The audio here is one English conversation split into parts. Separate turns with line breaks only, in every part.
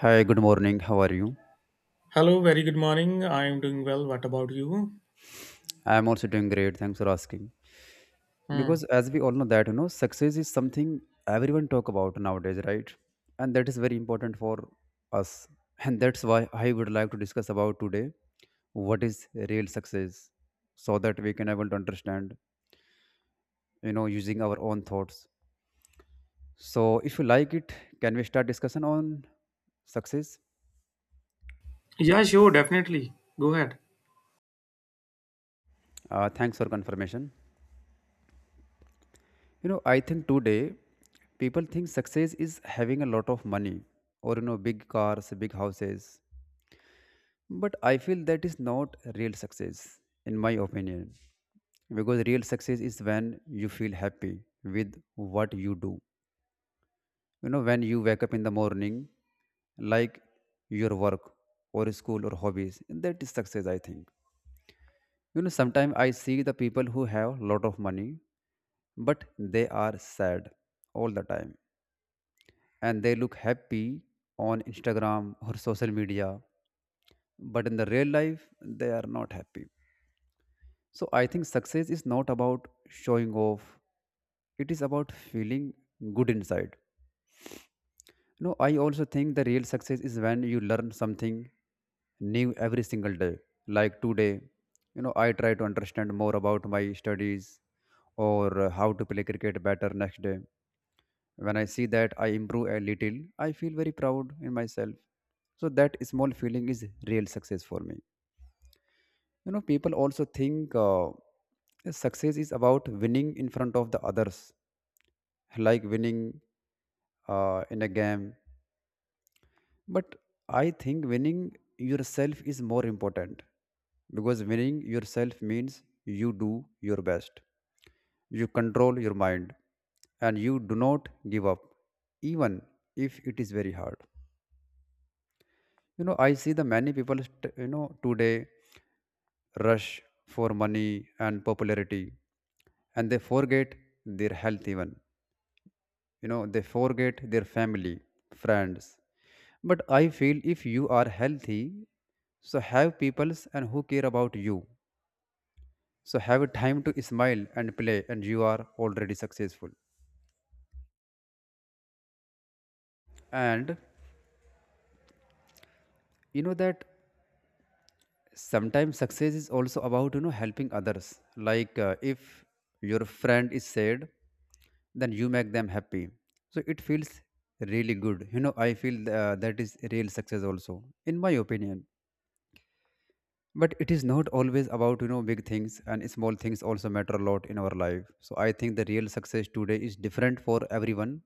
Hi, good morning. How are you?
Hello, very good morning. I am doing well. What about you?
I am also doing great. Thanks for asking.
Hmm.
Because as we all know that, you know, success is something everyone talk about nowadays, right? And that is very important for us. And that's why I would like to discuss about today what is real success so that we can able to understand, you know, using our own thoughts. So if you like it, can we start discussion on success?
Yeah, sure, definitely. Go ahead.
Thanks for confirmation. You know, I think today people think success is having a lot of money or, you know, big cars, big houses. But I feel that is not real success, in my opinion. Because real success is when you feel happy with what you do. You know, when you wake up in the morning, like your work or school or hobbies, that is success, I think. You know, sometimes I see the people who have lot of money, but they are sad all the time and they look happy on Instagram or social media, but in the real life, they are not happy. So I think success is not about showing off, it is about feeling good inside. You know, I also think the real success is when you learn something new every single day. Like today, you know, I try to understand more about my studies or how to play cricket better next day. When I see that I improve a little, I feel very proud in myself. So that small feeling is real success for me. You know, people also think success is about winning in front of the others, like winning in a game. But I think winning yourself is more important because winning yourself means you do your best, you control your mind, and you do not give up, even if it is very hard. You know, I see the many you know today rush for money and popularity and they forget their health even. You know, they forget their family, friends, but I feel if you are healthy, so have peoples and who care about you, so have a time to smile and play, and you are already successful. And you know that sometimes success is also about, you know, helping others, like if your friend is sad, then you make them happy, so it feels really good. You know, I feel that is real success also, in my opinion. But it is not always about, you know, big things, and small things also matter a lot in our life. So I think the real success today is different for everyone,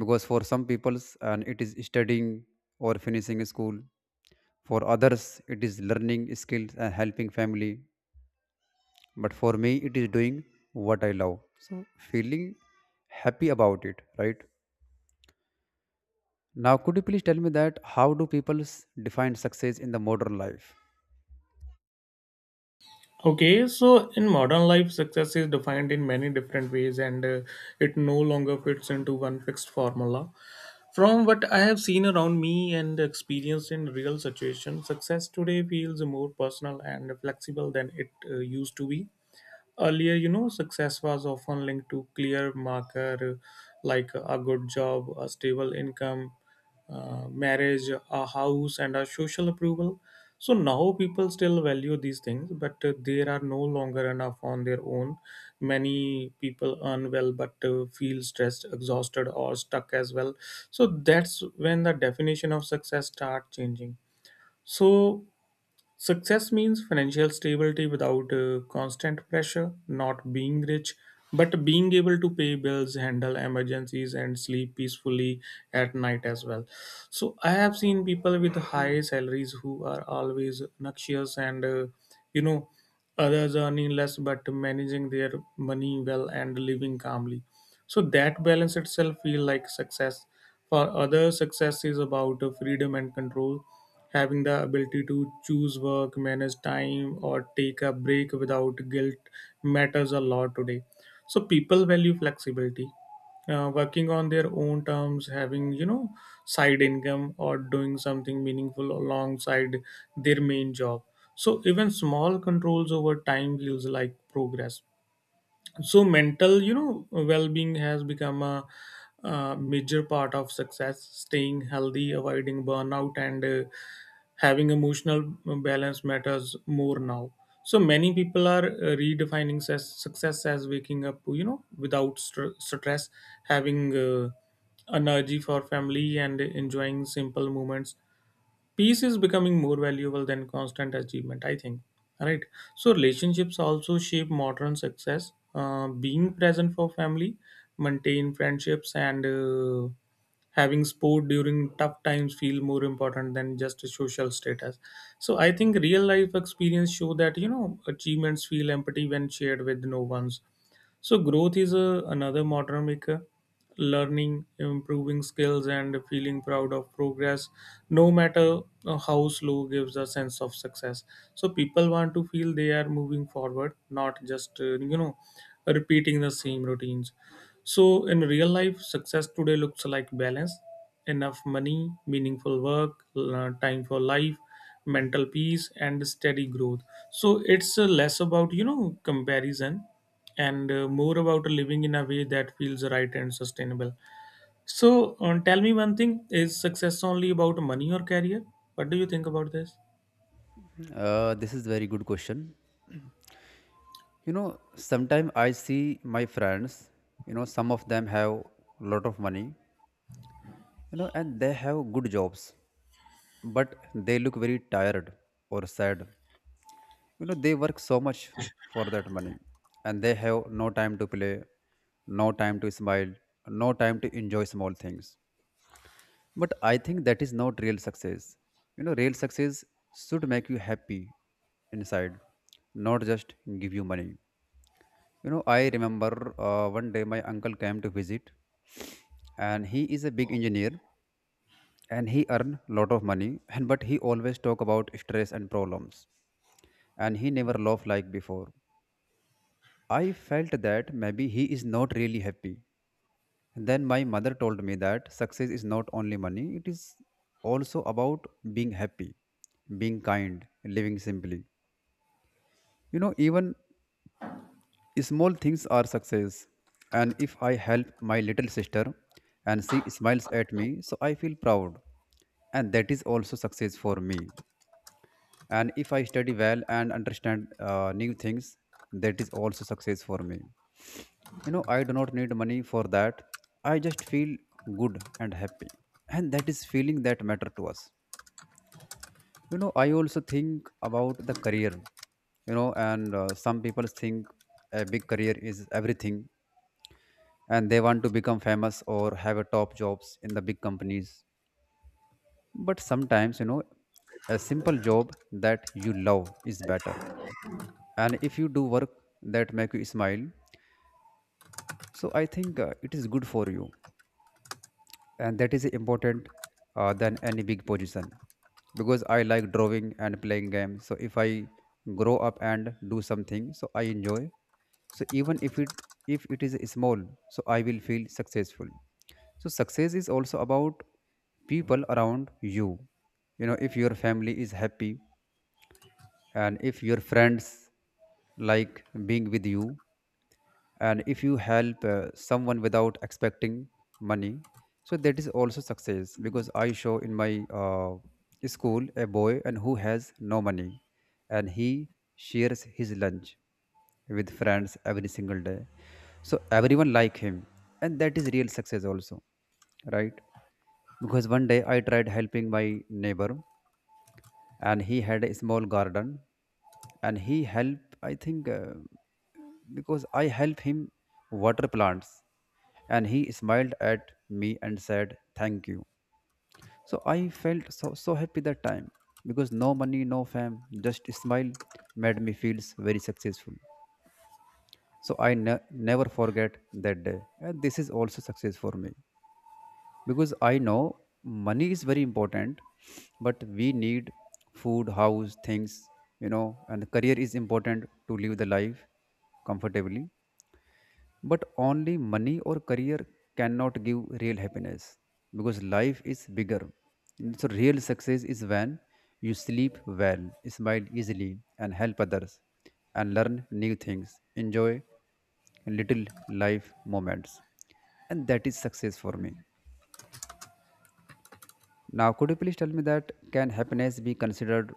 because for some people's and it is studying or finishing school, for others it is learning skills and helping family, but for me it is doing what I love, so feeling happy about it, right? Now, could you please tell me that how do define success in the modern life?
Okay, so in modern life, success is defined in many different ways and it no longer fits into one fixed formula. From what I have seen around me and experienced in real situations, success today feels more personal and flexible than it used to be. Earlier, you know, success was often linked to clear marker like a good job, a stable income, marriage, a house, and a social approval. So now people still value these things, but there are no longer enough on their own. Many people earn well, but feel stressed, exhausted, or stuck as well. So that's when the definition of success start changing. So success means financial stability without constant pressure, not being rich, but being able to pay bills, handle emergencies, and sleep peacefully at night as well. So, I have seen people with high salaries who are always noxious and, you know, others earning less but managing their money well and living calmly. So, that balance itself feels like success. For others, success is about freedom and control, having the ability to choose work, manage time, or take a break without guilt matters a lot today. So people value flexibility. Working on their own terms, having you know side income or doing something meaningful alongside their main job. So even small controls over time feels like progress. So mental, you know, well-being has become a, major part of success, staying healthy, avoiding burnout and having emotional balance matters more now. So many people are redefining success as waking up, you know, without stress, having energy for family and enjoying simple moments. Peace is becoming more valuable than constant achievement, I think, right? So relationships also shape modern success. Being present for family, maintain friendships and having sport during tough times feel more important than just a social status. So I think real life experience show that, you know, achievements feel empty when shared with no ones. So growth is another modernamic. Learning, improving skills, and feeling proud of progress, no matter how slow, gives a sense of success. So people want to feel they are moving forward, not just you know, repeating the same routines. So in real life, success today looks like balance, enough money, meaningful work, time for life, mental peace and steady growth. So it's less about, you know, comparison and more about living in a way that feels right and sustainable. So, tell me one thing, is success only about money or career? What do you think about this?
This is very good question. You know, sometimes I see my friends, you know, some of them have a lot of money, you know, and they have good jobs, but they look very tired or sad. You know, they work so much for that money, and they have no time to play, no time to smile, no time to enjoy small things. But I think that is not real success. You know, real success should make you happy inside, not just give you money. You know, I remember, one day my uncle came to visit, and he is a big engineer and he earn lot of money, and but he always talk about stress and problems and he never laugh like before. I felt that maybe he is not really happy. Then my mother told me that success is not only money, it is also about being happy, being kind, living simply. You know, even small things are success. And if I help my little sister and she smiles at me, so I feel proud. And that is also success for me. And if I study well and understand new things, that is also success for me. You know, I do not need money for that. I just feel good and happy. And that is feeling that matter to us. You know, I also think about the career. You know, and some people think a big career is everything and they want to become famous or have a top jobs in the big companies. But sometimes, you know, a simple job that you love is better. And if you do work that make you smile, so I think it is good for you, and that is important than any big position. Because I like drawing and playing games, so if I grow up and do something so I enjoy, so even if it is small, so I will feel successful. So success is also about people around you. You know, if your family is happy, and if your friends like being with you, and if you help someone without expecting money, so that is also success. Because I show in my school a boy and who has no money, and he shares his lunch with friends every single day, so everyone like him, and that is real success also, right? Because one day I tried helping my neighbor, and he had a small garden, and he helped. I think because I help him water plants. And he smiled at me and said, "Thank you." So I felt so, so happy that time, because no money, no fame, just smile made me feel very successful. So I never forget that day. And this is also success for me. Because I know money is very important, but we need food, house, things, you know, and career is important to live the life comfortably. But only money or career cannot give real happiness, because life is bigger. So, real success is when you sleep well, smile easily, and help others, and learn new things, enjoy little life moments. And that is success for me. Now, could you please tell me that can happiness be considered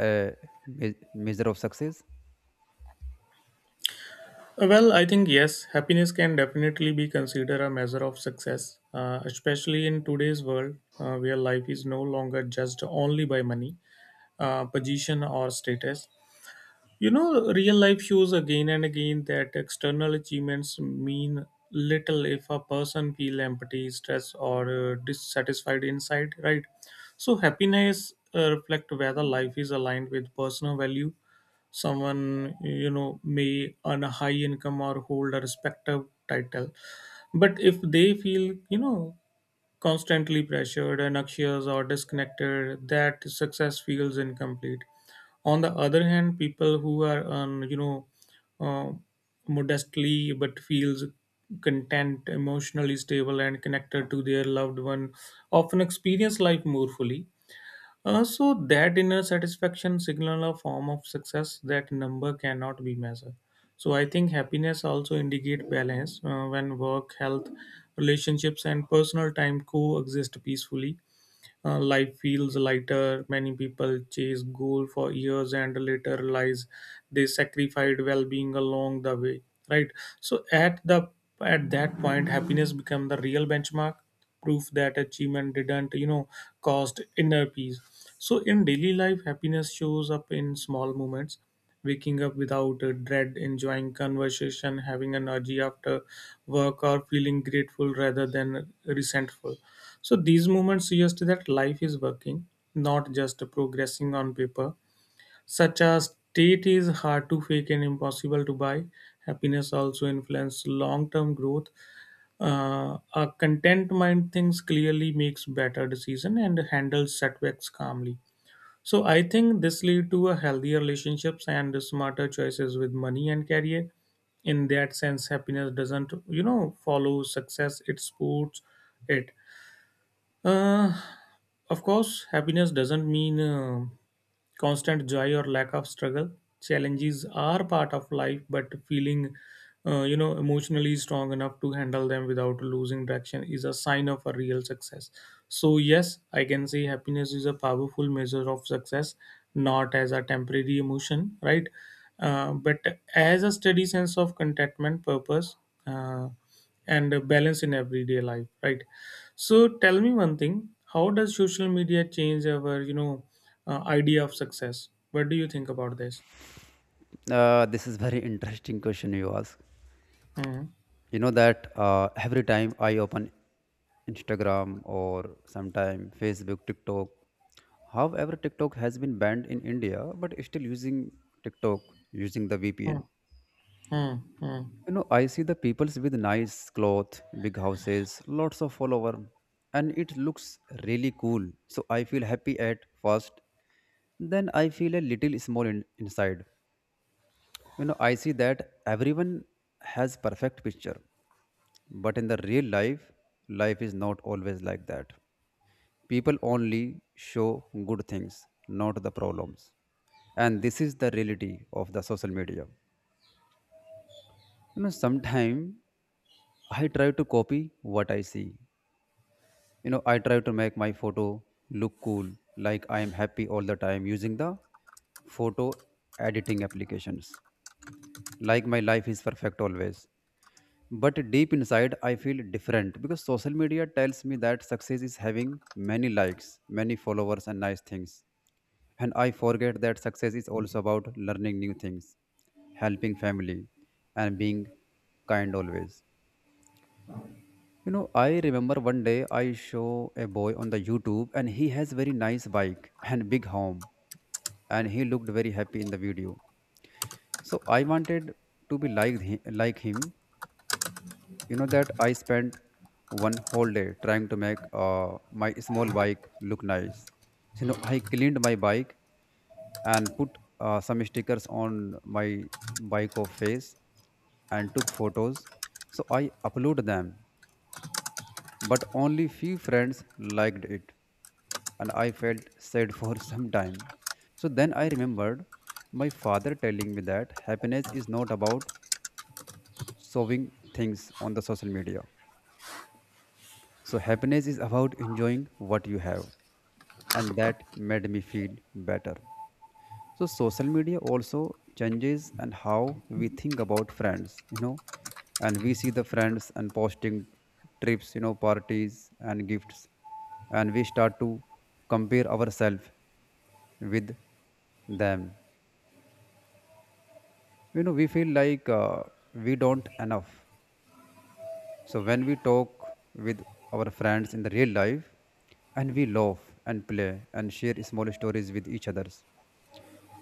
a measure of success?
Well, I think yes, happiness can definitely be considered a measure of success, especially in today's world where life is no longer judged only by money, position, or status. You know, real life shows again and again that external achievements mean little if a person feel empty, stressed, or dissatisfied inside, right? So happiness reflect whether life is aligned with personal value. Someone, you know, may earn a high income or hold a respective title, but if they feel, you know, constantly pressured and anxious or disconnected, that success feels incomplete. On the other hand, people who are you know, uh, modestly but feels content, emotionally stable and connected to their loved one often experience life more fully. So that inner satisfaction signal a form of success that number cannot be measured. So I think happiness also indicate balance when work, health, relationships, and personal time coexist peacefully. Life feels lighter. Many people chase goal for years and later realize they sacrificed well-being along the way. Right. So at that point, happiness become the real benchmark, proof that achievement didn't, you know, cost inner peace. So in daily life, happiness shows up in small moments, waking up without a dread, enjoying conversation, having energy after work, or feeling grateful rather than resentful. So these moments suggest that life is working, not just progressing on paper. Such a state is hard to fake and impossible to buy. Happiness also influences long-term growth. A content mind thinks clearly, makes better decision, and handles setbacks calmly. So I think this lead to a healthier relationships and smarter choices with money and career. In that sense, happiness doesn't, you know, follow success, it supports it. Uh, of course, happiness doesn't mean constant joy or lack of struggle. Challenges are part of life, but feeling, you know, emotionally strong enough to handle them without losing direction is a sign of a real success. So yes, I can say happiness is a powerful measure of success, not as a temporary emotion, right? But as a steady sense of contentment, purpose. Uh, and balance in everyday life, right? So tell me one thing, how does social media change our, you know, idea of success? What do you think about this?
This is very interesting question you ask.
Hmm.
You know that every time I open Instagram or sometime Facebook, TikTok, however TikTok has been banned in India but still using TikTok using the
Hmm.
VPN.
Hmm. Hmm.
You know, I see the peoples with nice clothes, big houses, lots of follower, and it looks really cool, so I feel happy at first, then I feel a little small inside. You know, I see that everyone has perfect picture. But in the real life, life is not always like that. People only show good things, not the problems. And this is the reality of the social media. You know, sometimes I try to copy what I see. You know, I try to make my photo look cool, like I am happy all the time using the photo editing applications. Like my life is perfect always. But deep inside I feel different, because social media tells me that success is having many likes, many followers, and nice things, and I forget that success is also about learning new things, helping family, and being kind always. You know, I remember one day I show a boy on the YouTube, and he has very nice bike and big home, and he looked very happy in the video, so I wanted to be like him. You know that I spent one whole day trying to make my small bike look nice. So, you know, I cleaned my bike and put some stickers on my bike of face and took photos, so I uploaded them, but only few friends liked it, and I felt sad for some time. So then I remembered my father telling me that happiness is not about showing things on the social media. So, happiness is about enjoying what you have, and that made me feel better. So, social media also changes and how we think about friends, you know, and we see the friends and posting trips, you know, parties and gifts, and we start to compare ourselves with them. You know, we feel like we don't enough. So when we talk with our friends in the real life and we laugh and play and share small stories with each others.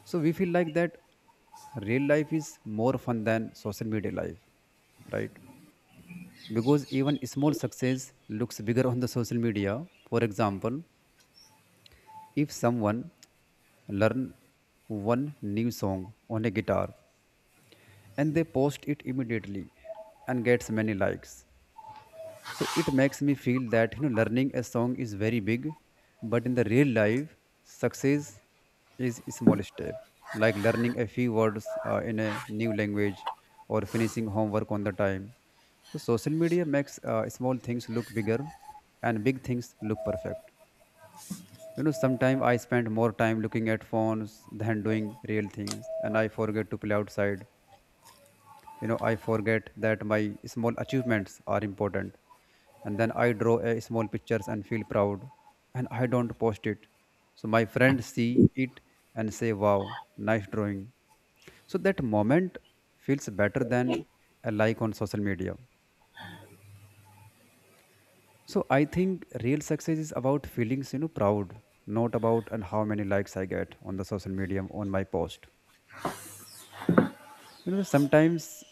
So we feel like that real life is more fun than social media life, right? Because even small success looks bigger on the social media. For example, if someone learn one new song on a guitar and they post it immediately and gets many likes. So it makes me feel that learning a song is very big, but in the real life, success is a small step, like learning a few words in a new language or finishing homework on the time. So social media makes small things look bigger, and big things look perfect. You know, sometimes I spend more time looking at phones than doing real things, and I forget to play outside. I forget that my small achievements are important. And then I draw a small pictures and feel proud, and I don't post it, so my friends see it and say wow, nice drawing. So that moment feels better than a like on social media. So I think real success is about feelings, proud, not about and how many likes I get on the social media on my post. you know sometimes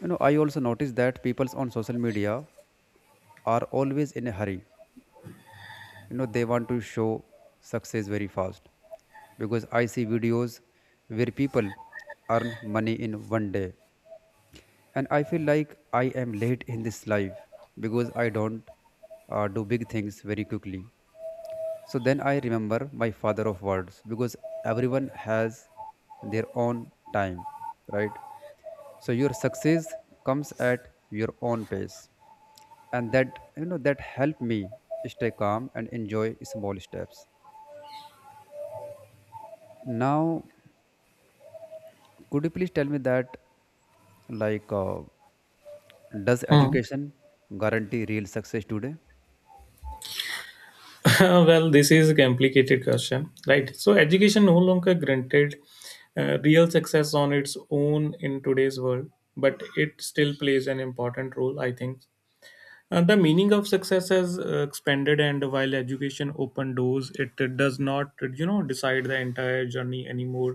you know i also notice that people on social media are always in a hurry. They want to show success very fast because I see videos where people earn money in one day, and I feel like I am late in this life because I don't do big things very quickly. So then I remember my father of words because everyone has their own time, right? So your success comes at your own pace, and that you know that helped me stay calm and enjoy small steps. Now, could you please tell me that, like does
Hmm.
education guarantee real success today?
Well, this is a complicated question, right? So education no longer granted real success on its own in today's world, but it still plays an important role, I think. The meaning of success has expanded, and while education opened doors, it does not, you know, decide the entire journey anymore.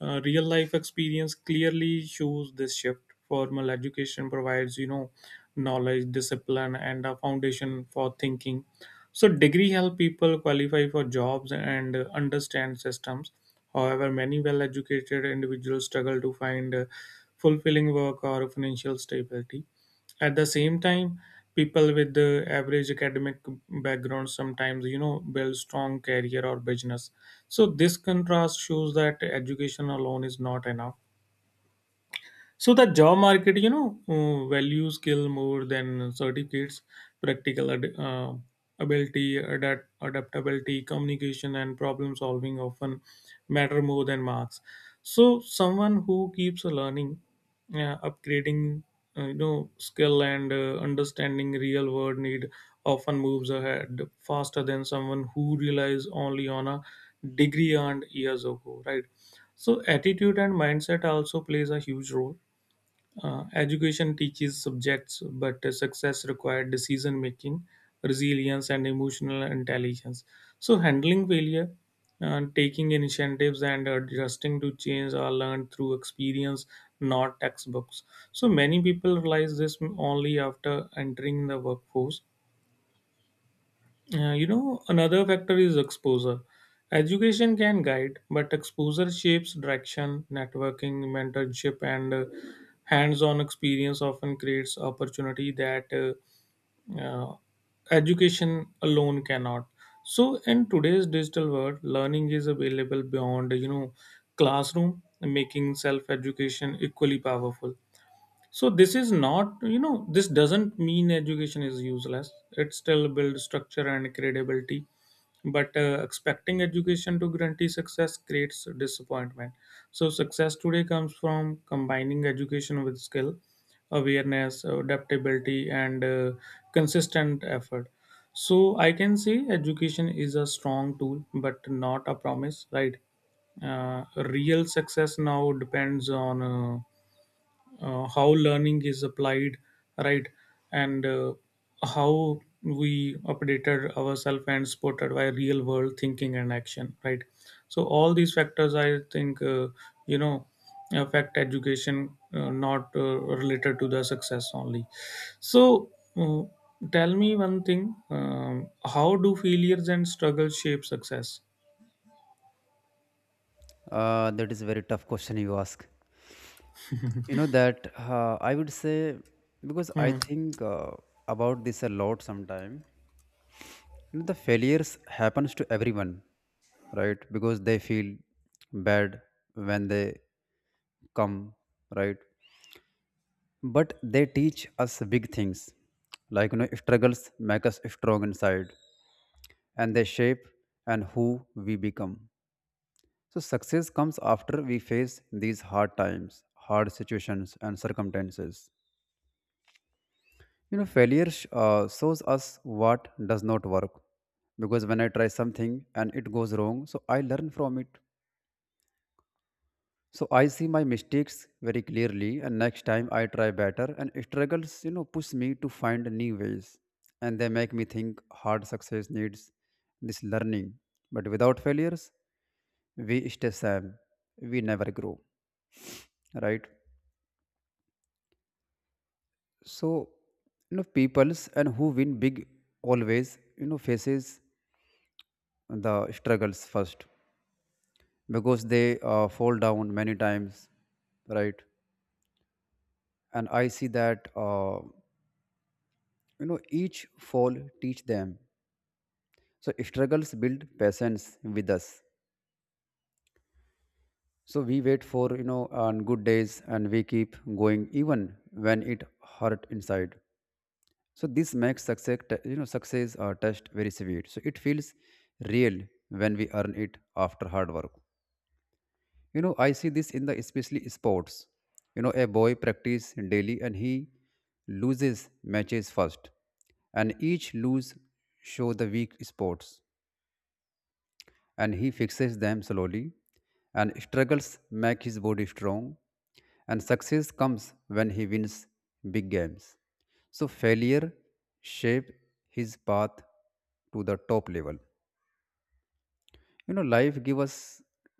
Real life experience clearly shows this shift. Formal education provides, you know, knowledge, discipline, and a foundation for thinking. So, degree help people qualify for jobs and understand systems. However, many well-educated individuals struggle to find fulfilling work or financial stability. At the same time, people with the average academic background sometimes, you know, build strong career or business. So this contrast shows that education alone is not enough. So the job market, you know, values skill more than certificates, practical ability, adaptability, communication, and problem solving often matter more than marks. So someone who keeps learning, upgrading, you know, skill and understanding real world need often moves ahead faster than someone who relies only on a degree earned years ago, right? So attitude and mindset also plays a huge role. Education teaches subjects, but success required decision making, resilience, and emotional intelligence. So, handling failure, taking initiatives, and adjusting to change are learned through experience, not textbooks. So, many people realize this only after entering the workforce. You know, another factor is exposure. Education can guide, but exposure shapes direction, networking, mentorship, and hands on experience often creates opportunity that uh, education alone cannot. So, in today's digital world, learning is available beyond, you know, classroom, making self education equally powerful. So this is not, you know, this doesn't mean education is useless, it still builds structure and credibility, but expecting education to guarantee success creates disappointment. So success today comes from combining education with skill, awareness, adaptability and consistent effort. So I can say education is a strong tool but not a promise, right? uh, Real success now depends on how learning is applied, right? And how we updated ourselves and supported by real world thinking and action, right? So all these factors I think you know, affect education not related to the success only. So uh, tell me one thing, how do failures and struggles shape success?
That is a very tough question you ask. You know that uh, i would say, because I
Hmm.
think about this a lot sometime. You know, the failures happens to everyone, right? Because they feel bad when they come, right? But they teach us big things, like, struggles make us strong inside, and they shape and who we become. So success comes after we face these hard times, hard situations, and circumstances. You know, failure shows us what does not work. Because when I try something and it goes wrong, so I learn from it. So I see my mistakes very clearly, and next time I try better. And struggles, push me to find new ways, and they make me think hard success needs this learning. But without failures, we stay same. We never grow, right? So, peoples and who win big always faces the struggles first because they fall down many times, right? And I see that, each fall teach them. So struggles build patience with us. So we wait for, on good days, and we keep going even when it hurt inside. So this makes success t- you know success test very sweet. So it feels real when we earn it after hard work. You know, I see this in the especially sports. You know, a boy practice daily and he loses matches first, and each lose show the weak spots, and he fixes them slowly, and struggles make his body strong, and success comes when he wins big games. So failure shape his path to the top level. You know, life give us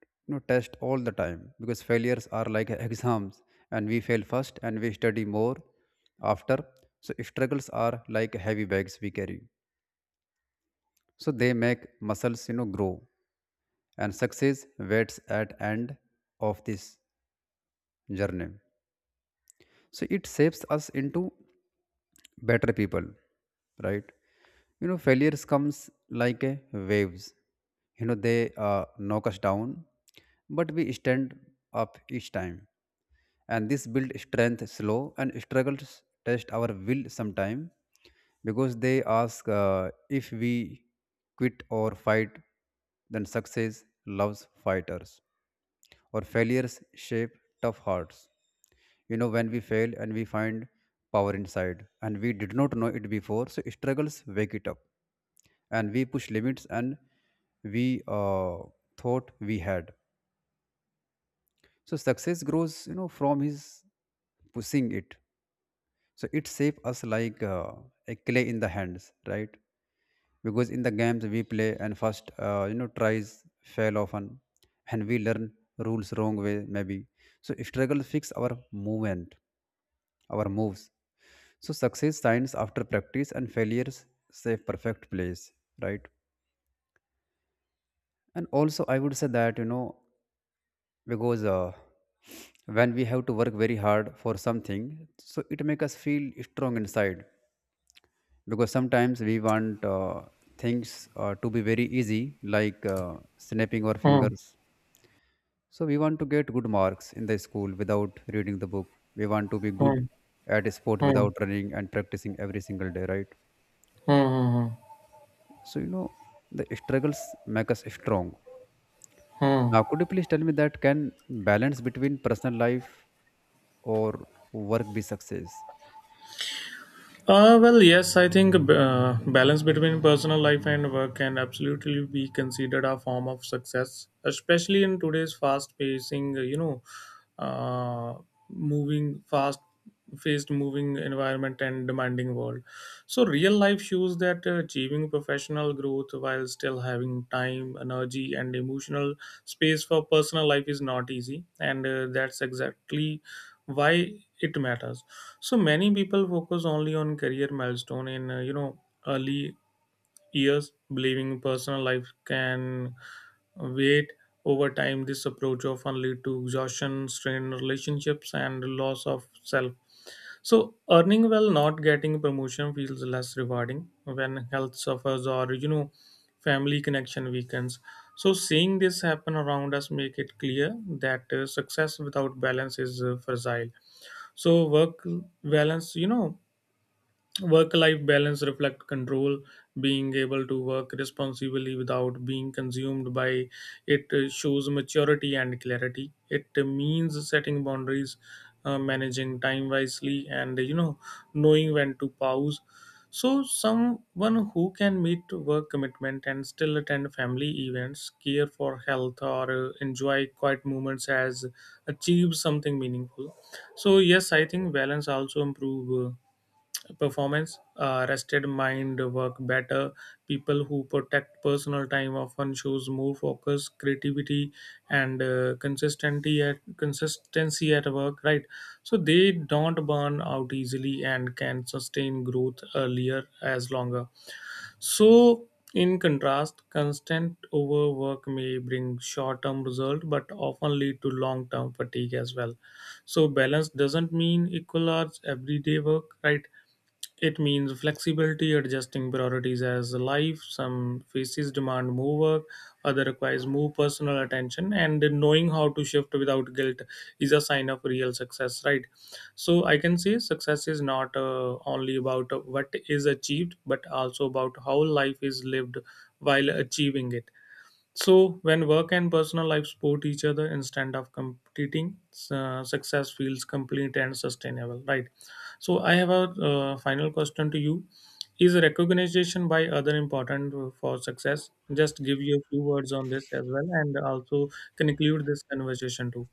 test all the time because failures are like exams, and we fail first and we study more after. So struggles are like heavy bags we carry. So they make muscles, grow, and success waits at end of this journey. So it shapes us into better people, right? You know, failures comes like a waves. You know they uh, knock us down, but we stand up each time, and this build strength slow. And struggles test our will sometime because they ask, if we quit or fight. Then success loves fighters, or failures shape tough hearts. You know, when we fail and we find power inside, and we did not know it before. So struggles wake it up, and we push limits and we thought we had. So success grows, from his pushing it. So it shapes us like a clay in the hands, right? Because in the games we play, and first, tries fail often, and we learn rules wrong way maybe. So struggle fix our movement, our moves. So success signs after practice and failures save perfect plays, right? And also I would say that, because when we have to work very hard for something, so it make us feel strong inside. Because sometimes we want things to be very easy, like snapping our
Hmm.
fingers. So we want to get good marks in the school without reading the book. We want to be good
Hmm.
at sport
Hmm.
without running and practicing every single day, right?
Hmm. Hmm. Hmm.
So the struggles make us strong.
Hmm.
Now, could you please tell me that, can balance between personal life or work be success?
Well, yes, I think balance between personal life and work can absolutely be considered a form of success, especially in today's fast-pacing, you know, uh, moving fast faced moving environment and demanding world. So real life shows that achieving professional growth while still having time, energy and emotional space for personal life is not easy and that's exactly why it matters. So many people focus only on career milestone in you know, early years, believing personal life can wait. Over time, this approach often lead to exhaustion, strained relationships, and loss of self. So earning well, not getting promotion feels less rewarding when health suffers or, you know, family connection weakens. So seeing this happen around us make it clear that success without balance is fragile. So balance you know work life balance reflect control, being able to work responsibly without being consumed by it shows maturity and clarity. It means setting boundaries, managing time wisely, and, you know, knowing when to pause. So, someone who can meet work commitment and still attend family events, care for health, or enjoy quiet moments has achieved something meaningful. So, yes, I think balance also improve performance. Rested mind work better. People who protect personal time often shows more focus, creativity, and consistency at work. Right, so they don't burn out easily and can sustain growth earlier as longer. So, in contrast, constant overwork may bring short term result but often lead to long term fatigue as well. So balance doesn't mean equal hours everyday work, right? It means flexibility, adjusting priorities as life. Some faces demand more work, other requires more personal attention, and knowing how to shift without guilt is a sign of real success, right? So I can say success is not only about what is achieved, but also about how life is lived while achieving it. So, when work and personal life support each other instead of competing, success feels complete and sustainable, right? So, I have a final question to you. Is recognition by other important for success? Just give you a few words on this as well and also conclude this conversation too.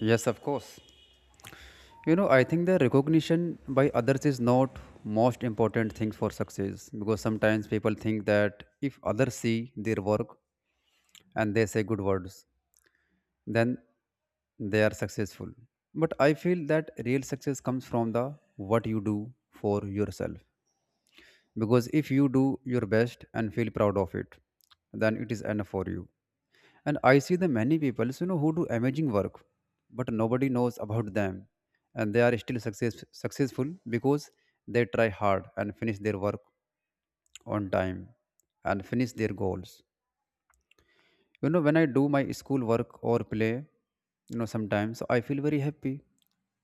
Yes, of course. You know, I think the recognition by others is not most important thing for success because sometimes people think that if others see their work and they say good words, then they are successful. But I feel that real success comes from the what you do for yourself. Because if you do your best and feel proud of it, then it is enough for you. And I see the many people, so, who do amazing work, but nobody knows about them. And they are still success, successful because they try hard and finish their work on time and finish their goals. You know, when I do my school work or play, sometimes so I feel very happy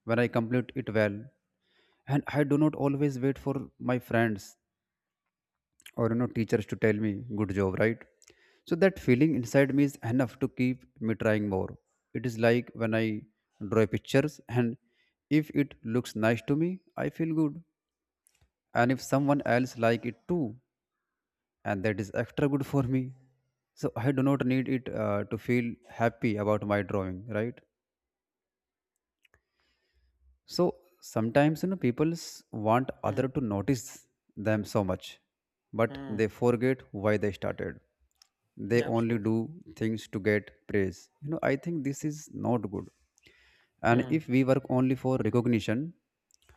when I complete it well. And I do not always wait for my friends or teachers to tell me good job, right? So that feeling inside me is enough to keep me trying more. It is like when I draw pictures, and if it looks nice to me, I feel good. And if someone else like it too, and that is extra good for me. So I do not need it to feel happy about my drawing, right? So sometimes, people want other
Hmm.
to notice them so much, but they
Hmm.
forget why they started. They only do
Absolutely.
things to get praise. You know, I think this is not good. And if
Hmm.
we work only for recognition,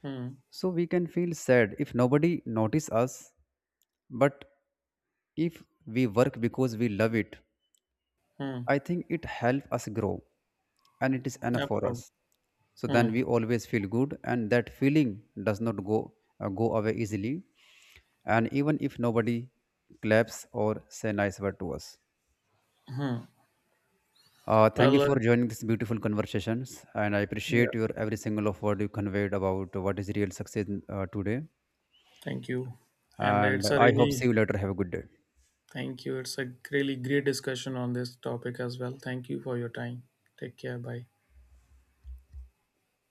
Hmm.
so we can feel sad if nobody notice us. But if we work because we love it,
Hmm.
I think it helps us grow and it is enough for
Absolutely.
us. So
Hmm.
then we always feel good, and that feeling does not go go away easily. And even if nobody claps or say nice word to us.
Hmm.
Thank you
Well, uh,
for joining this beautiful conversations, and I
yeah,
appreciate your every single of word you conveyed about what is real success today.
thank you. And
And
it's a
I hope
really—
see you later. Have a good day.
thank you. It's a really great discussion on this topic as well. Thank you for your time. Take care. Bye.